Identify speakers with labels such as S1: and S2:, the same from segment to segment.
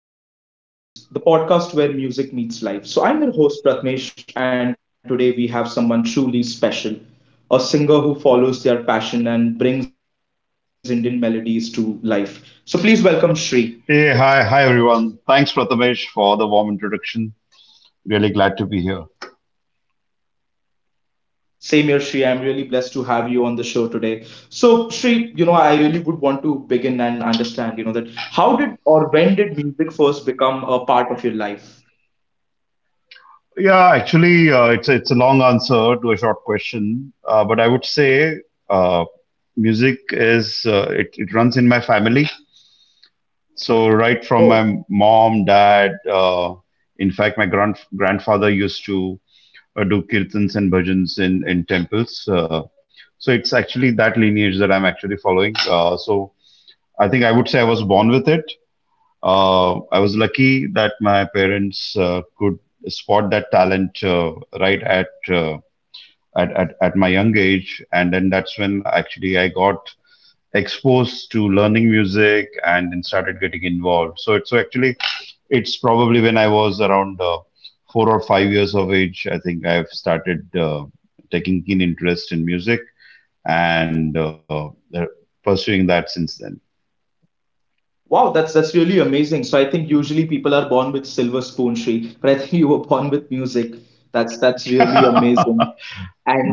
S1: to Rhythm and Stories, the podcast where music meets life. I'm your host Pratmesh, and today we have someone truly special, a singer who follows their passion and brings Indian melodies to life. So, please welcome Shri.
S2: Hey, hi everyone. Thanks, Prathamesh, for the warm introduction. Really glad to be here.
S1: Same here, Shri. I'm really blessed to have you on the show today. So, Shri, you know, I really would want to begin and understand, you know, that how did or when did music first become a part of your life?
S2: Yeah, actually, it's a long answer to a short question, but I would say uh, music is it runs in my family. So right from my mom, dad, in fact, my grandfather used to do kirtans and bhajans in temples. So it's actually that lineage that I'm actually following. So I think I would say I was born with it. I was lucky that my parents could spot that talent right at my young age, and then that's when actually I got exposed to learning music and then started getting involved. So actually it's probably when I was around 4 or 5 years of age. I think I've started taking keen interest in music and uh, pursuing that since then.
S1: Wow, that's really amazing. So I think usually people are born with silver spoon, Sri, but I think you were born with music. That's really amazing.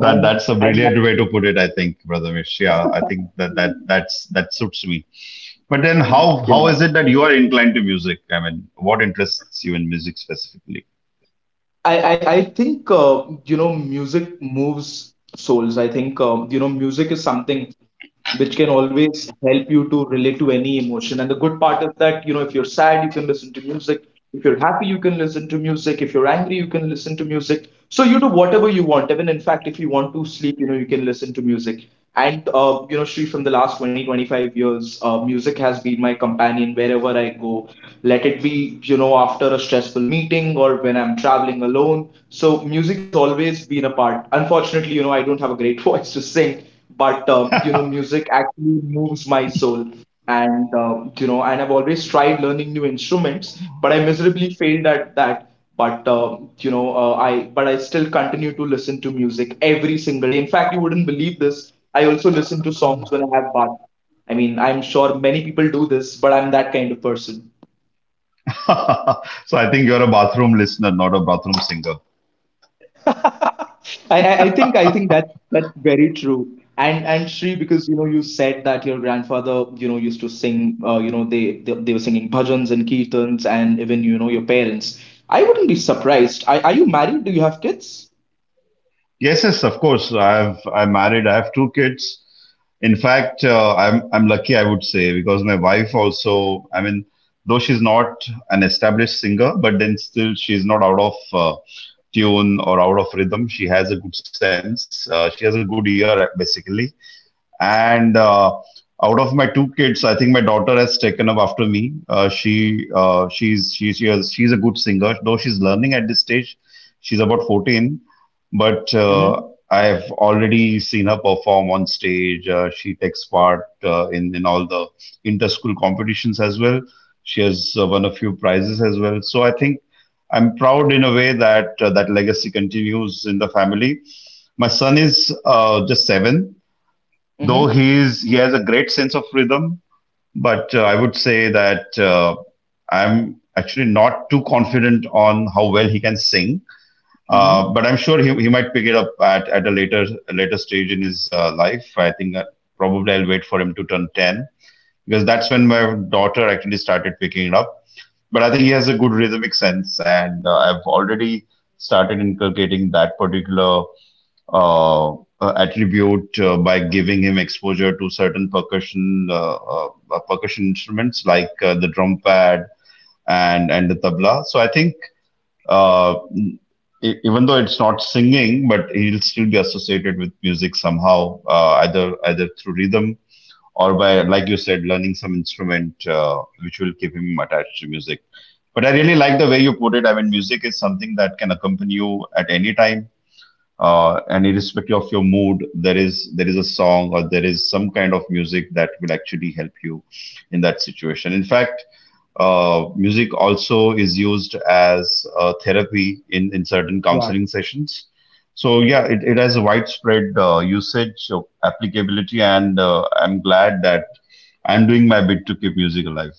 S2: That that's a
S1: and
S2: brilliant way to put it, I think, Brother Mish. Yeah, I think that that suits me. But then,
S1: and
S2: how
S1: yeah,
S2: is it that you are inclined to music? I mean, what interests you in music specifically?
S1: I think you know music moves souls. I think you know music is something which can always help you to relate to any emotion. And the good part is that you know if you're sad, you can listen to music. If you're happy, you can listen to music. If you're angry, you can listen to music. So you do whatever you want. Even in fact, if you want to sleep, you know you can listen to music. And you know, Sri, from the last 20-25 years, music has been my companion wherever I go, let it be, you know, after a stressful meeting or when I'm traveling alone. So music has always been a part. Unfortunately, you know, I don't have a great voice to sing, but
S2: So
S1: you know, music actually moves my soul. And you know, and I've always tried learning new instruments, but I miserably failed at that. But I but I still continue to listen to music every single day. In fact, you wouldn't believe this. I also listen to songs when I have bath. I mean, I'm sure many people do this, but I'm that kind of person.
S2: I think you're a bathroom listener, not a bathroom singer.
S1: I think that that's very true. And Sri, because you know you said that your grandfather you know used to sing you know they were singing bhajans and kirtans and even you know your parents. I wouldn't be surprised. Are you married? Do you have kids?
S2: Yes, yes, of course. I'm married. I have two kids. In fact, I'm lucky, I would say, because my wife also. I mean, though she's not an established singer, but then still she's not out of tune or out of rhythm. She has a good sense. She has a good ear, basically. And out of my two kids, I think my daughter has taken up after me. She's a good singer, though she's learning at this stage. She's about 14, but
S1: Mm-hmm.
S2: I've already seen her perform on stage. She takes part in all the inter-school competitions as well. She has won a few prizes as well. So I think I'm proud in a way that legacy continues in the family. My son is just seven, though
S1: Mm-hmm.
S2: he has a great sense of rhythm. But I would say that I'm actually not too confident on how well he can sing
S1: Mm-hmm.
S2: but I'm sure he might pick it up at a later stage in his life. I think probably I'll wait for him to turn 10 because that's when my daughter actually started picking it up. But I think he has a good rhythmic sense, and I've already started inculcating that particular uh, uh, attribute by giving him exposure to certain percussion instruments like the drum pad and the tabla. So I think uh, even though it's not singing, but he'll still be associated with music somehow, either through rhythm or by, like you said, learning some instrument, which will keep him attached to music. But I really like the way you put it. I mean, music is something that can accompany you at any time, and irrespective of your mood, there is a song or there is some kind of music that will actually help you in that situation. In fact music also is used as therapy in certain counseling sessions. So yeah, it has a widespread usage, of applicability, and I'm glad that I'm doing my bit to keep music alive.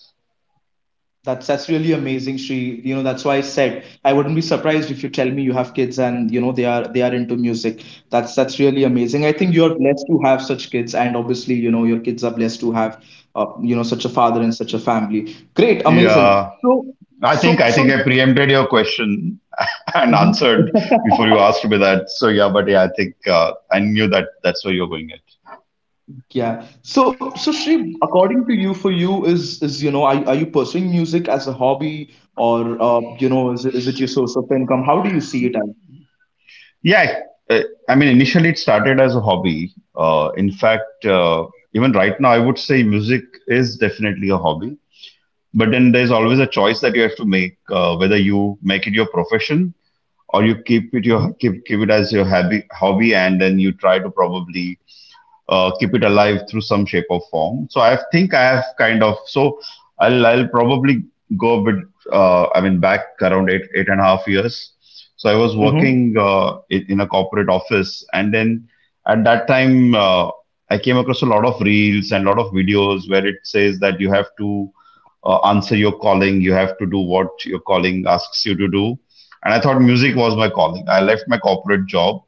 S1: That's really amazing, Shri. You know, that's why I said I wouldn't be surprised if you tell me you have kids and you know they are into music. That's really amazing. I think you're blessed to have such kids, and obviously, you know, your kids are blessed to have you know such a father and such a family. Great, amazing.
S2: Yeah,
S1: So
S2: I think
S1: so
S2: I think
S1: so
S2: I preempted your question and
S1: Mhm.
S2: answered before you asked me that. So yeah, but yeah, I think I knew that that's where you're going at.
S1: Yeah. So Shri, according to you, for you is you know, are you pursuing music as a hobby or you know, is it your source of income? How do you see it as?
S2: Yeah, uh, I mean, initially it started as a hobby. In fact, even right now, I would say music is definitely a hobby. But then there's always a choice that you have to make, whether you make it your profession or you keep it your
S1: Mm-hmm.
S2: keep keep it as your hobby, and then you try to probably keep it alive through some shape or form. So I think I have kind of so I'll probably go a bit. I mean, back around eight and a half years. So I was
S1: Mm-hmm.
S2: working in a corporate office, and then at that time I came across a lot of reels and a lot of videos where it says that you have to answer your calling, you have to do what your calling asks you to do. And I thought music was my calling. I left my corporate job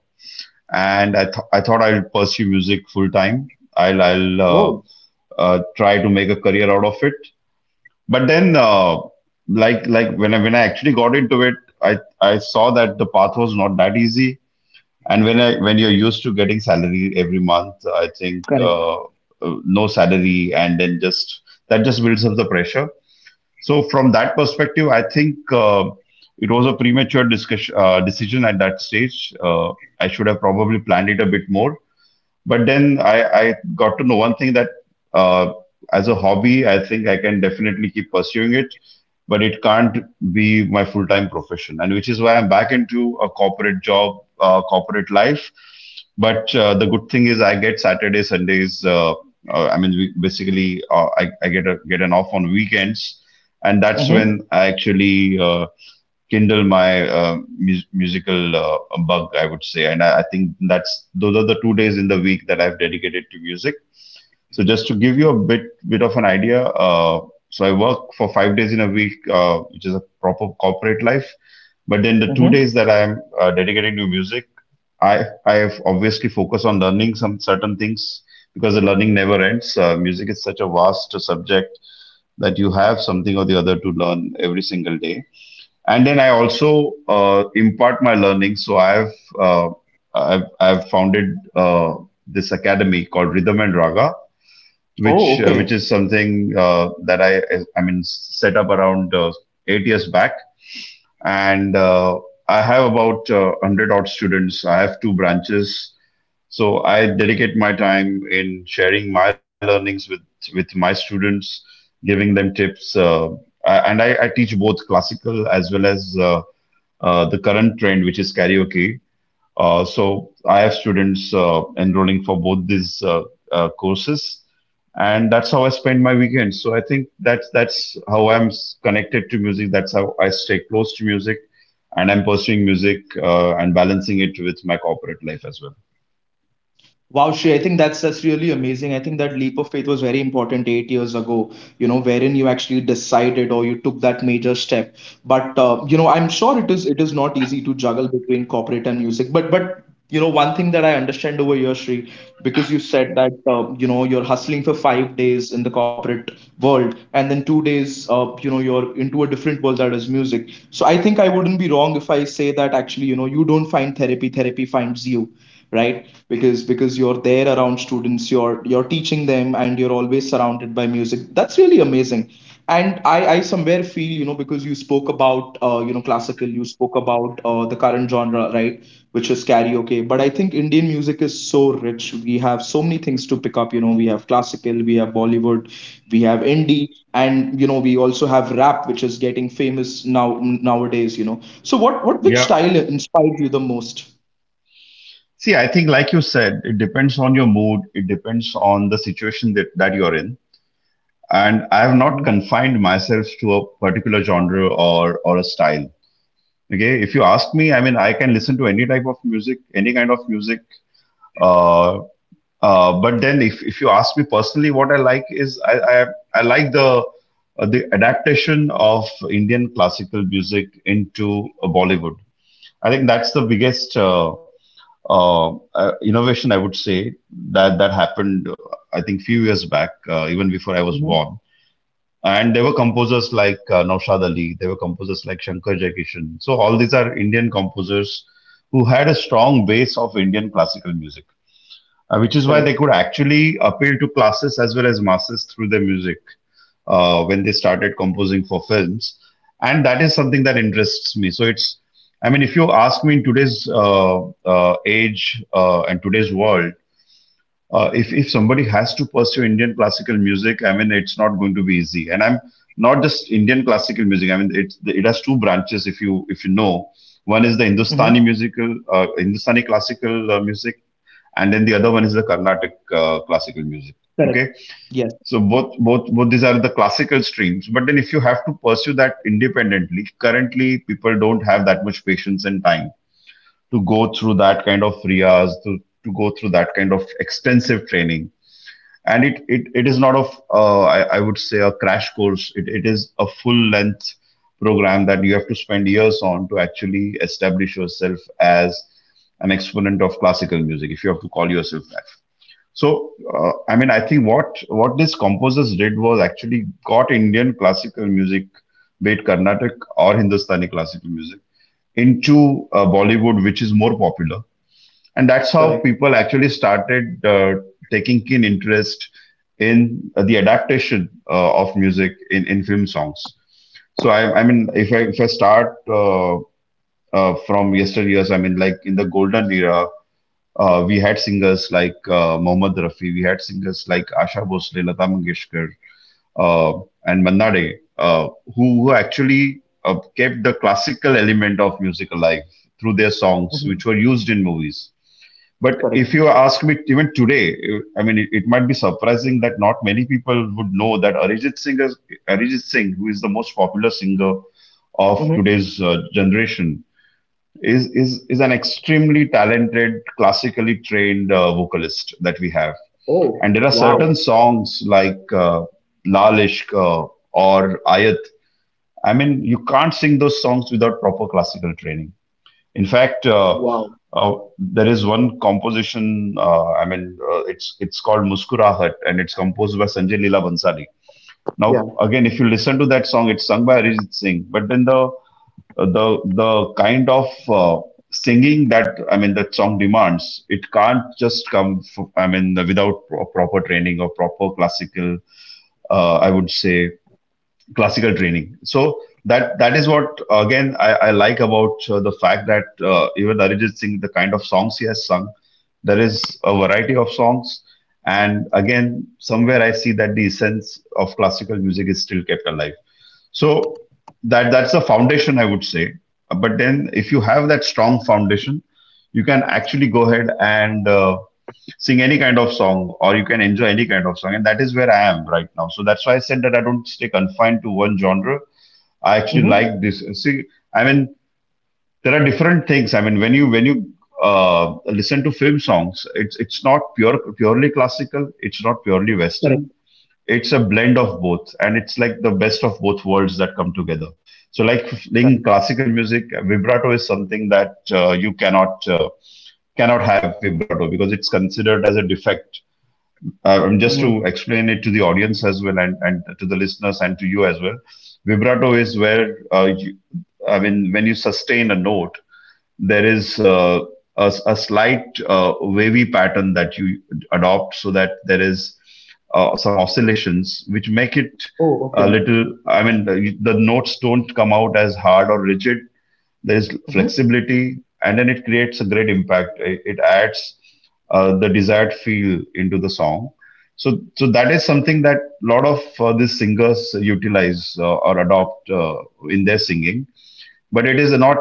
S2: and I thought I'll pursue music full time. I'll
S1: Oh,
S2: try to make a career out of it. But then, like when I actually got into it, I saw that the path was not that easy. And when you're used to getting salary every month, I think
S1: correct.
S2: no salary, and then just that just builds up the pressure. So from that perspective, I think it was a premature discussion decision at that stage. I should have probably planned it a bit more but then I got to know one thing that uh, as a hobby, I think I can definitely keep pursuing it, but it can't be my full time profession. And which is why I'm back into a corporate job, corporate life. But the good thing is I get Saturday, Sundays. I mean, we basically, I get an off on weekends, and that's
S1: Mm-hmm.
S2: when I actually kindle my musical bug, I would say. And I think that's those are the 2 days in the week that I've dedicated to music. So just to give you a bit of an idea, uh, so I work for 5 days in a week, which is a proper corporate life, but then the two
S1: Mm-hmm.
S2: days that I am dedicating to music, i I have obviously focus on learning some certain things because the learning never ends. Music is such a vast subject that you have something or the other to learn every single day. And then I also impart my learning. So uh, I've founded this academy called Rhythm and Raga,
S1: Oh,
S2: which
S1: okay.
S2: is something that I mean set up around 8 years back, and I have about 100 odd students. I have two branches, so I dedicate my time in sharing my learnings with my students, giving them tips. And I teach both classical as well as the current trend, which is karaoke. So I have students enrolling for both these courses, and that's how I spend my weekends. So I think that's how I'm connected to music. That's how I stay close to music, and I'm pursuing music and balancing it with my corporate life as well.
S1: Wow, Shri. I think that's really amazing. I think that leap of faith was very important 8 years ago, you know, wherein you actually decided or you took that major step. But you know, I'm sure it is not easy to juggle between corporate and music. But you know, one thing that I understand over here, Shri, because you said that you know you're hustling for 5 days in the corporate world, and then 2 days, you know, you're into a different world that is music. So I think I wouldn't be wrong if I say that actually, you know, you don't find therapy, therapy finds you, right? Because you're there around students, you're teaching them and you're always surrounded by music. That's really amazing, and I somewhere feel, you know, because you spoke about you know classical, you spoke about the current genre, right, which is karaoke. But I think Indian music is so rich. We have so many things to pick up. You know, we have classical, we have Bollywood, we have indie, and you know we also have rap, which is getting famous now, nowadays. You know, so what which
S2: Yeah.
S1: style inspired you the most?
S2: See, I think, like you said, it depends on your mood. It depends on the situation that you're in. And I have not confined myself to a particular genre or a style. Okay, if you ask me, I mean, I can listen to any type of music, any kind of music. Uh, but then, if you ask me personally, what I like is I like the adaptation of Indian classical music into Bollywood. I think that's the biggest innovation I would say that happened. I think few years back, even before I was
S1: Mhm.
S2: born. And there were composers like Naushad Ali, there were composers like Shankar Jaikishan. So, all these are Indian composers who had a strong base of Indian classical music, which is why they
S1: Correct.
S2: could actually appeal to classes as well as masses through their music when they started composing for films. And that is something that interests me. So, it's I mean, if you ask me in today's age and today's world, if somebody has to pursue Indian classical music, I mean, it's not going to be easy. And I'm not just Indian classical music. I mean, it has two branches. If you know, one is the
S1: Hmm.
S2: Hindustani classical music, and then the other one is the Carnatic classical music.
S1: Correct.
S2: Okay,
S1: Yes.
S2: so both these are the classical streams. But then if you have to pursue that independently, currently people don't have that much patience and time to go through that kind of riyas, to go through that kind of extensive training. And it is not of I would say a crash course. It is a full length program that you have to spend years on to actually establish yourself as an exponent of classical music if you have to call yourself that. So I mean, I think what these composers did was actually got Indian classical music, be it Carnatic or Hindustani classical music, into Bollywood, which is more popular, and that's how
S1: Correct.
S2: people actually started taking keen interest in the adaptation of music in film songs. So I mean, if I start from yesteryears, I mean, like in the golden era, we had singers like Mohammad Rafi, we had singers like Asha Bhosle, Lata Mangeshkar, and Manna Day, who actually kept the classical element of music alive through their songs, which were
S1: Hmm.
S2: used in movies. But if you
S1: Correct.
S2: ask me even today, I mean, it might be surprising that not many people would know that Arijit Singh, who is the most popular singer of
S1: Hmm.
S2: today's generation, is an extremely talented, classically trained vocalist that we have. And there
S1: Oh,
S2: are certain
S1: wow.
S2: songs like Lal Ishq or Ayat. I mean, you can't sing those songs without proper classical training. In fact,
S1: Wow.
S2: there is one composition. I mean, it's called Muskurahat, and it's composed by Sanjay Leela Bhansali. Now,
S1: Yeah.
S2: again, if you listen to that song, it's sung by Arijit Singh, but then the the kind of singing that I mean that song demands, it can't just come. F I mean, without proper training or proper classical, I would say classical training. So that is what again I like about the fact that even Arijit Singh, the kind of songs he has sung, there is a variety of songs, and again somewhere I see that the essence of classical music is still kept alive. So that's the foundation, I would say. But then if you have that strong foundation, you can actually go ahead and sing any kind of song, or you can enjoy any kind of song, and that is where I am right now. So that's why I said that I don't stay confined to one genre. I actually like
S1: Hmm.
S2: this. See, I mean, there are different things. I mean, when you listen to film songs, it's not purely classical, it's not purely western.
S1: Correct.
S2: It's a blend of both, and it's like the best of both worlds that come together. So like in
S1: Correct.
S2: classical music, vibrato is something that you cannot have. Vibrato, because it's considered as a defect. Just to
S1: Hmm.
S2: explain it to the audience as well, and to the listeners and to you as well, vibrato is where I mean, when you sustain a note, there is a slight wavy pattern that you adopt, so that there is some oscillations which make it
S1: Oh,
S2: a
S1: okay.
S2: little, I mean, the notes don't come out as hard or rigid. There is
S1: Hmm.
S2: flexibility, and then it creates a great impact. It adds the desired feel into the song. So that is something that a lot of these singers utilize or adopt in their singing. But it is not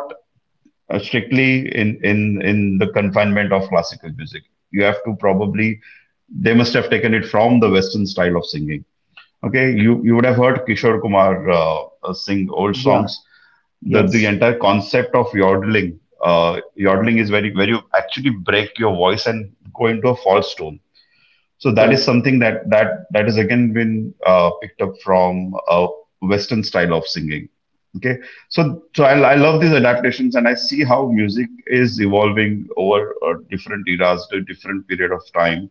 S2: strictly in in the confinement of classical music. You have to probably— they must have taken it from the western style of singing. Okay, you would have heard Kishore Kumar uh, sing old songs.
S1: Yeah.
S2: The
S1: Yes.
S2: entire concept of yodeling— uh, yodeling is very— where you actually break your voice and go into a false tone. So that is
S1: Correct.
S2: something that that is again been picked up from a Western style of singing. Okay, so I love these adaptations, and I see how music is evolving over different eras, to different period of time,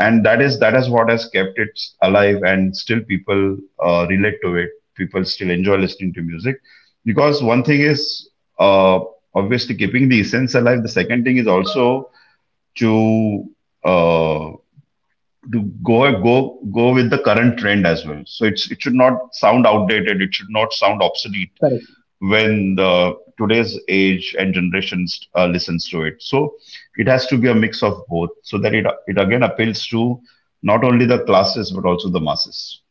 S2: and that is what has kept it alive, and still people relate to it. People still enjoy listening to music, because one thing is uh, obviously keeping the essence alive. The second thing is also to uh, to go go go with the current trend as well. So it's— it should not sound outdated. It should not sound obsolete
S1: Correct.
S2: when the today's age and generations listens to it. So it has to be a mix of both, so that it again appeals to not only the classes but also the masses.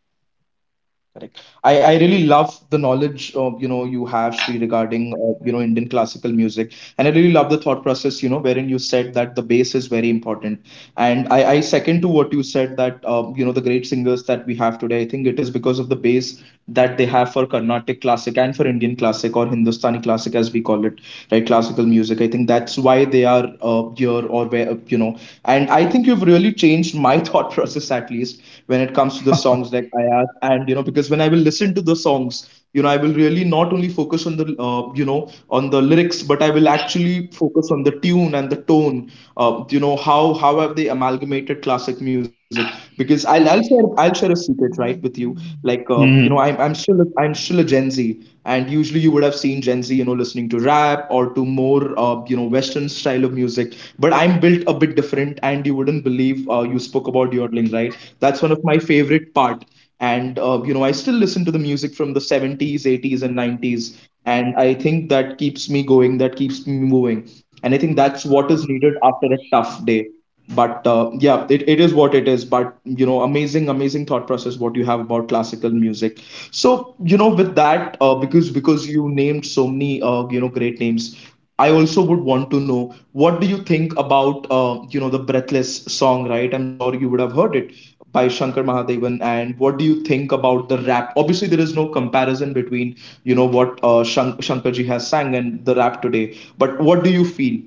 S1: Correct. I really love the knowledge of you know you have, Sri, regarding you know Indian classical music, and I, really love the thought process you know wherein you said that the bass is very important, and I second to what you said that you know the great singers that we have today, I think it is because of the bass that they have for Carnatic classic and for Indian classic, or Hindustani classic as we call it, right? Classical music. I think that's why they are here or where, you know. And I think you've really changed my thought process, at least when it comes to the songs, like I, and you know because when I will listen to the songs, you know, I will really not only focus on the you know on the lyrics, but I will actually focus on the tune and the tone, you know how have they amalgamated classic music. Because I'll share a secret, right, with you, like you know I'm still a, I'm still a Gen Z, and usually you would have seen Gen Z, you know, listening to rap or to more, you know, Western style of music. But I'm built a bit different, and you wouldn't believe. You spoke about yodeling, right? That's one of my favorite part. And you know, I still listen to the music from the 70s, 80s, and 90s. And I think that keeps me going. That keeps me moving. And I think that's what is needed after a tough day. But yeah, it is what it is. But you know, amazing, amazing thought process what you have about classical music. So you know, with that, because you named so many you know great names, I also would want to know what do you think about you know the Breathless song, right? I'm sure you would have heard it by Shankar Mahadevan, and what do you think about the rap? Obviously, there is no comparison between you know what Shankarji has sang and the rap today, but what do you feel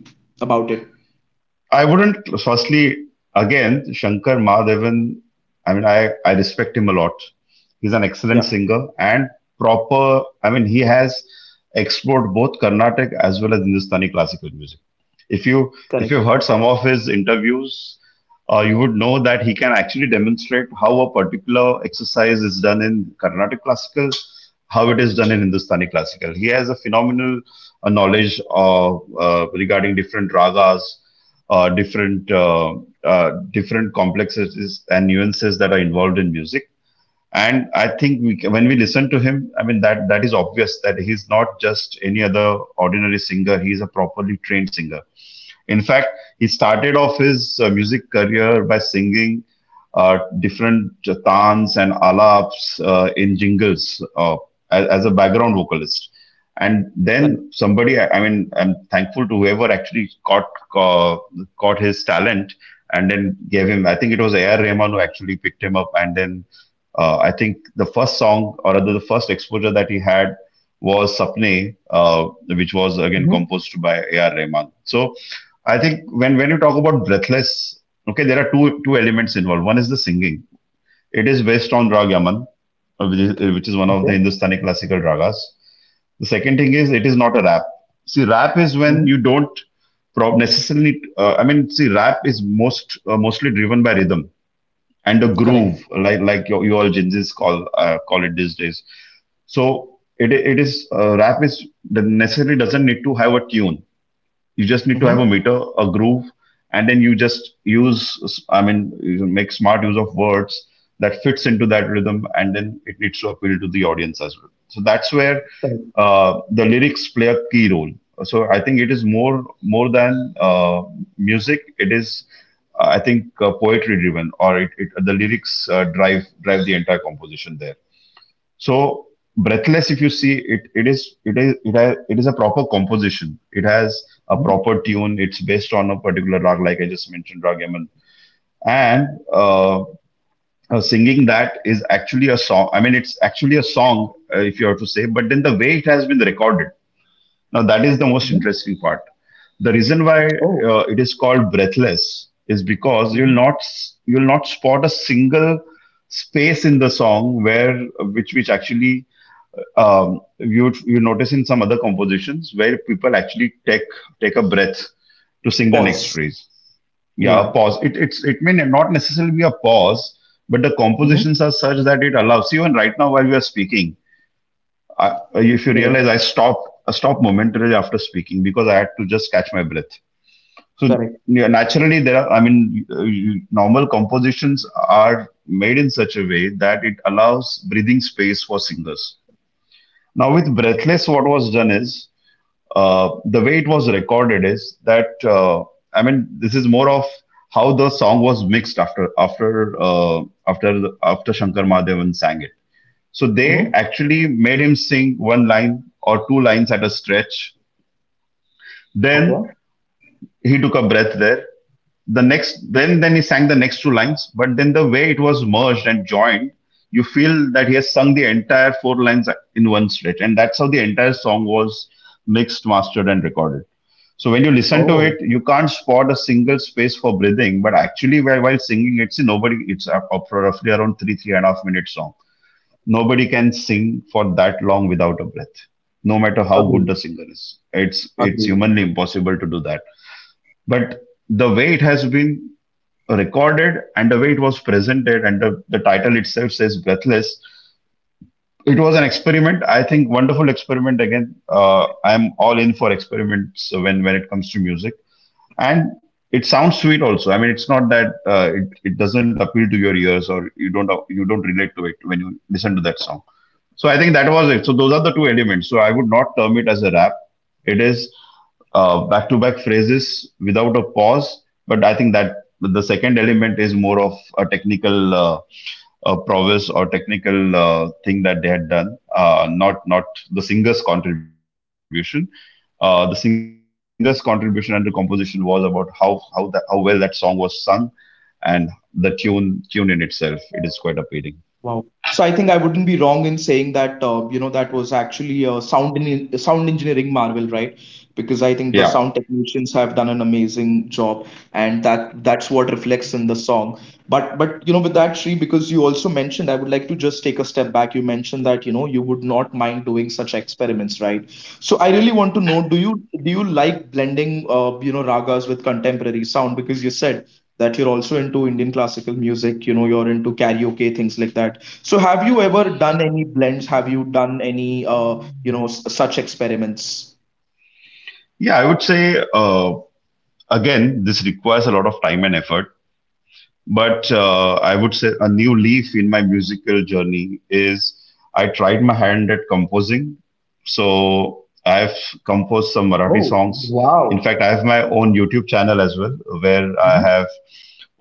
S1: about it?
S2: I wouldn't. Firstly, again, Shankar Mahadevan. I mean, I respect him a lot. He's an excellent
S1: Yeah,
S2: singer and proper. I mean, he has explored both Carnatic as well as Hindustani classical music. If you if
S1: correct,
S2: you've heard some of his interviews, you would know that he can actually demonstrate how a particular exercise is done in Carnatic classical, how it is done in Hindustani classical. He has a phenomenal knowledge of, regarding different ragas, different different complexities and nuances that are involved in music. And I think when we listen to him, I mean that is obvious that he's not just any other ordinary singer. He's a properly trained singer. In fact, he started off his music career by singing different tans and alaps in jingles, as a background vocalist. And
S1: correct.
S2: then somebody— I mean, I'm thankful to whoever actually ca- caught his talent and then gave him. I think it was A.R. Rahman who actually picked him up. And then I think the first song, or rather the first exposure that he had, was Sapne, which was
S1: Mm-hmm.
S2: again composed by A.R. Rahman. So I think when you talk about breathless, okay, there are two elements involved. One is the singing. It is based on Rag Yaman, which is one
S1: Okay.
S2: of the Hindustani classical ragas. The second thing is it is not a rap. See, rap is
S1: Mm-hmm.
S2: when you don't necessarily— I mean, see, rap is mostly driven by rhythm and a groove,
S1: Correct.
S2: like like you all Gen Zs call call it these days. So it is— rap is— necessarily doesn't need to have a tune. You just need to have a
S1: Mm-hmm.
S2: meter, a groove, and then you just use— I mean, you make smart use of words that fits into that rhythm, and then it needs to appeal to the audience as well. So that's where
S1: Correct.
S2: the lyrics play a key role. So I think it is more, more than uh, music. It is I think poetry driven, or it the lyrics drive the entire composition there. So breathless, if you see it, it is a proper composition. It has a
S1: Mm-hmm.
S2: proper tune. It's based on a particular rag, like I just mentioned, rag Yaman. And singing that is actually a song. I mean, it's actually a song, if you have to say. But then the way it has been recorded— now that is the most
S1: Mm-hmm.
S2: interesting part. The reason why
S1: Oh.
S2: it is called breathless is because you'll
S1: Mm-hmm.
S2: not you'll not spot a single space in the song where— which actually you— you notice in some other compositions where people actually take a breath to sing the next
S1: Pause.
S2: phrase. Yeah, a
S1: Yeah.
S2: pause. It it may not necessarily be a pause, but the
S1: Hmm.
S2: compositions are such that it allows. Even right now, while we are speaking, I, if you
S1: Correct,
S2: realize, I stopped momentarily after speaking because I had to just catch my breath. So
S1: correct.
S2: yeah, naturally, there are. I mean, you— normal compositions are made in such a way that it allows breathing space for singers. Now, with Breathless, what was done is the way it was recorded is that I mean, this is more of how the song was mixed after Shankar Mahadevan sang it. So they
S1: Hmm.
S2: actually made him sing one line or two lines at a stretch. Then
S1: Okay.
S2: he took a breath there, then he sang the next two lines, but then the way it was merged and joined, you feel that he has sung the entire four lines in one stretch, and that's how the entire song was mixed, mastered and recorded. So when you listen to it,
S1: Oh,
S2: you can't spot a single space for breathing, but actually, while singing, it's a nobody, it's a roughly around 3.5 minute song. Nobody can sing for that long without a breath, no matter how good the
S1: agree,
S2: singer is. It's
S1: agree.
S2: humanly impossible to do that. But the way it has been recorded, and the way it was presented, and the title itself says Breathless. It was an experiment, I think. Wonderful experiment. Again, I'm all in for experiments when it comes to music. And it sounds sweet also. I mean, it's not that it doesn't appeal to your ears, or you don't relate to it when you listen to that song. So I think that was it. So those are the two elements. So I would not term it as a rap. It is, back-to-back phrases without a pause. But I think that the second element is more of a technical prowess or technical thing that they had done, not the singer's contribution. The singer's contribution and the composition was about how well that song was sung, and the tune in itself, it is quite appealing.
S1: Wow. So I think I wouldn't be wrong in saying that you know that was actually a sound engineering marvel, right? Because I think the
S2: Yeah,
S1: sound technicians have done an amazing job, and that that's what reflects in the song. But you know, with that, Sri, because you also mentioned, I would like to just take a step back. You mentioned that you know you would not mind doing such experiments, right? So I really want to know, do you like blending you know ragas with contemporary sound? Because you said that you're also into Indian classical music, you know, you're into karaoke, things like that. So have you ever done any blends? Have you done any, such experiments?
S2: yeah, I would say, again, this requires a lot of time and effort. But I would say a new leaf in my musical journey is I tried my hand at composing. So I've composed some Marathi
S1: Oh,
S2: songs. In
S1: wow.
S2: fact, I have my own YouTube channel as well, where I
S1: Mhm.
S2: have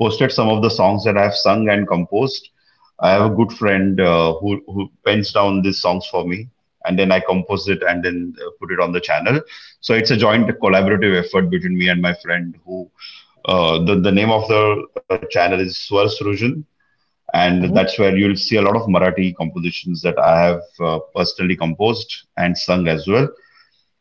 S2: posted some of the songs that I have sung and composed. I have a good friend, who pens down these songs for me, and then I compose it and then put it on the channel. So it's a joint collaborative effort between me and my friend, who, the name of the channel is Swar Surujan, and
S1: Mm-hmm.
S2: that's where you'll see a lot of Marathi compositions that I have personally composed and sung as well.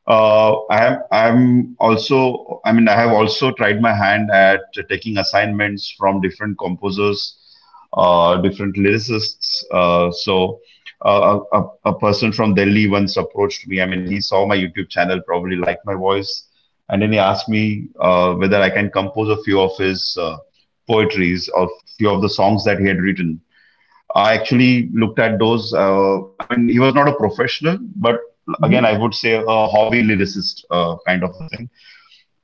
S2: I am. I'm also. I mean, I have also tried my hand at taking assignments from different composers, different lyricists. So a person from Delhi once approached me. I mean, he saw my YouTube channel, probably liked my voice, and then he asked me whether I can compose a few of his poetries, or few of the songs that he had written. I actually looked at those. I mean, he was not a professional, but again,
S1: Mm-hmm.
S2: I would say a hobby lyricist, kind of a thing.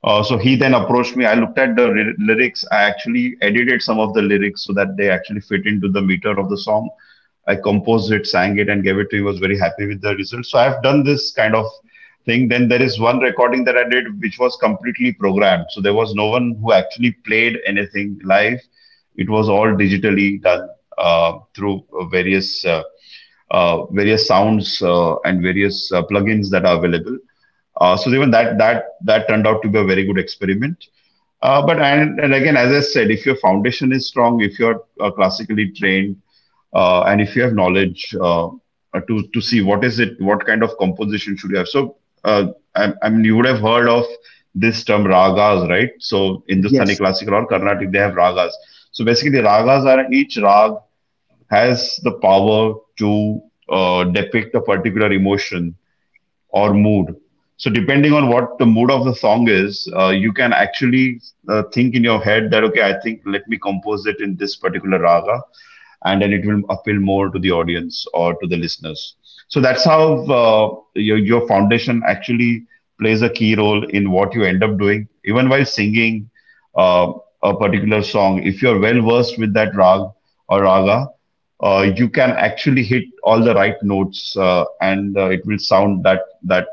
S2: So he then approached me. I looked at the lyrics. I actually edited some of the lyrics so that they actually fit into the meter of the song. I composed it, sang it, and gave it to him. I was very happy with the result. So I've done this kind of thing. Then there is one recording that I did, which was completely programmed. So there was no one who actually played anything live. It was all digitally done through various sounds and various plugins that are available. So even that that that turned out to be a very good experiment. But And again, as I said, if your foundation is strong, if you're classically trained, and if you have knowledge to see what is it, what kind of composition should you have. So, uh, I mean, you would have heard of this term ragas, right? So Hindustani
S1: Yes.
S2: classical or Carnatic, they have ragas. So basically, ragas are each rag has the power to depict a particular emotion or mood. So depending on what the mood of the song is, you can actually think in your head that okay, I think let me compose it in this particular raga, and then it will appeal more to the audience or to the listeners. So that's how your foundation actually plays a key role in what you end up doing. Even while singing uh, a particular song, if you're well versed with that rag or raga, you can actually hit all the right notes, and it will sound that that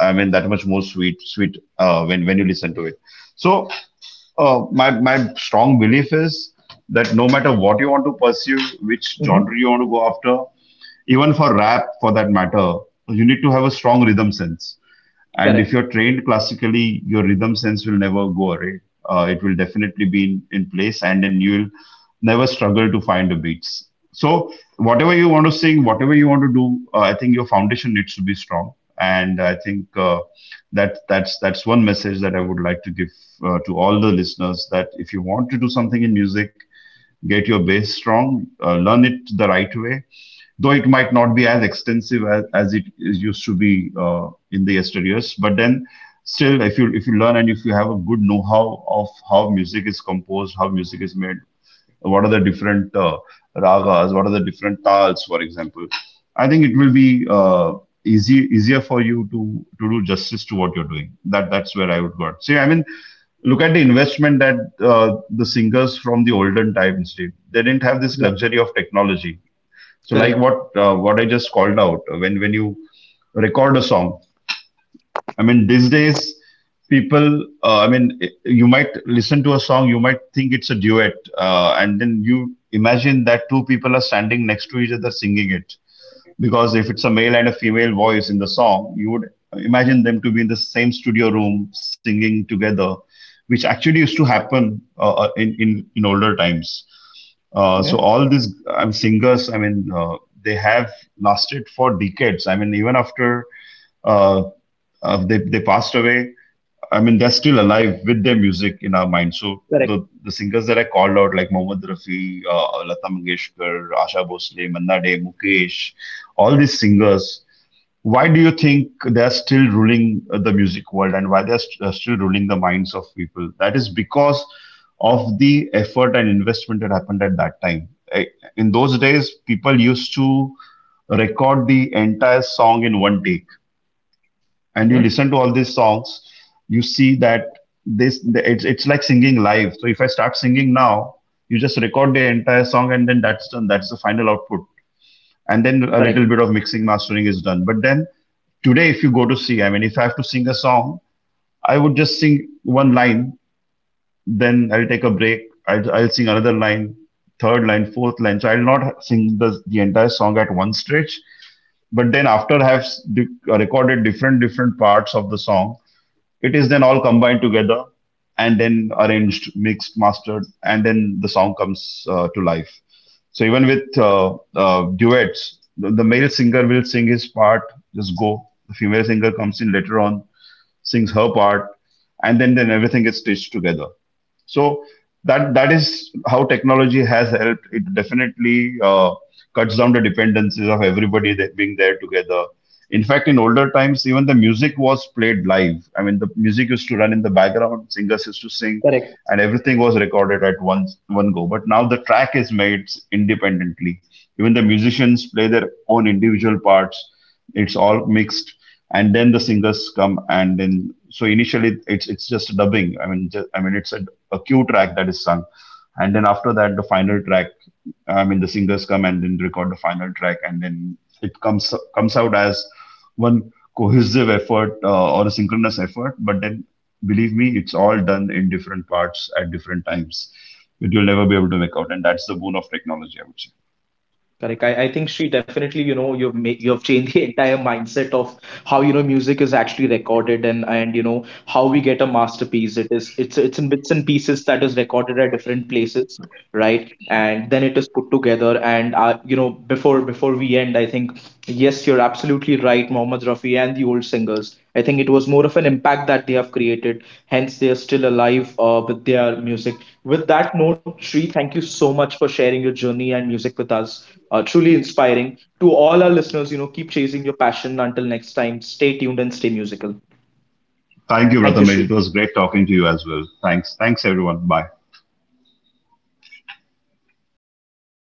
S2: I mean that much more sweet, sweet, when you listen to it. So my strong belief is that no matter what you want to pursue, which
S1: Mm-hmm.
S2: genre you want to go after, even for rap for that matter, you need to have a strong rhythm sense. And if you're
S1: Correct.
S2: trained classically, your rhythm sense will never go away. It will definitely be in place, and then you'll never struggle to find the beats. So whatever you want to sing, whatever you want to do, I think your foundation needs to be strong. And I think that's one message that I would like to give to all the listeners, that if you want to do something in music, get your base strong, learn it the right way. Though it might not be as extensive as it is used to be in the yesteryears, but then still, if you, learn, and if you have a good know-how of how music is composed, how music is made, what are the different ragas, what are the different tals, for example. I think it will be easy easier for you to do justice to what you're doing. That's where I would go. See, I mean, look at the investment that the singers from the olden times did. They didn't have this
S1: Yeah.
S2: luxury of technology. So like
S1: Correct.
S2: what, what I just called out, when you record a song, I mean, these days, people, I mean, you might listen to a song, you might think it's a duet, and then you imagine that two people are standing next to each other singing it. Because if it's a male and a female voice in the song, you would imagine them to be in the same studio room singing together, which actually used to happen, in older times. Uh,
S1: Mm-hmm.
S2: so all these singers, I mean, they have lasted for decades. I mean, even after uh, they passed away, I mean, they're still alive with their music in our mind. So
S1: Correct.
S2: the singers that I called out, like Mohammad Rafi, Lata Mangeshkar, Asha Bhosle, Manna Day, Mukesh, all these singers. Why do you think they're still ruling the music world, and why they're still ruling the minds of people? That is because of the effort and investment that happened at that time. In those days, people used to record the entire song in one take.
S1: Mm-hmm.
S2: And you listen to all these songs, you see that this it's like singing live. So if I start singing now, you just record the entire song, and then that's done. That's the final output. And then a
S1: Correct.
S2: little bit of mixing, mastering is done. But then today, if you go to see, I mean, if I have to sing a song, I would just sing one line, then I'll take a break, I'll sing another line, third line, fourth line. So I'll not sing the entire song at one stretch, but then after I have recorded different parts of the song, it is then all combined together, and then arranged, mixed, mastered, and then the song comes to life. So even with duets, the male singer will sing his part, just go. The female singer comes in later on, sings her part, and then everything is stitched together. So that that is how technology has helped. It definitely cuts down the dependencies of everybody that being there together. In fact, in older times, even the music was played live. I mean, the music used to run in the background, singers used to sing,
S1: Correct.
S2: and everything was recorded at once, one go. But now the track is made independently. Even the musicians play their own individual parts. It's all mixed, and then the singers come, and then so initially it's, just dubbing, I mean, I mean, it's a, cue track that is sung. And then after that, the final track, I mean, the singers come and then record the final track, and then it comes out as one cohesive effort, or a synchronous effort. But then believe me, it's all done in different parts at different times, which you'll never be able to make out, and that's the boon of technology, I would say.
S1: Correct. I think, Sri, definitely, you know, you've changed the entire mindset of how, you know, music is actually recorded and you know how we get a masterpiece. It is it's in bits and pieces that is recorded at different places, right? And then it is put together. And you know, before we end, I think yes, you're absolutely right, Mohammed Rafi and the old singers. I think it was more of an impact that they have created. Hence, they are still alive with their music. With that note, Sri, thank you so much for sharing your journey and music with us, truly inspiring. To all our listeners, you know, keep chasing your passion. Until next time, stay tuned and stay musical.
S2: Thank you,
S1: Thank you,
S2: Prathamesh.
S1: Shri.
S2: It was great talking to you as well. Thanks everyone. Bye.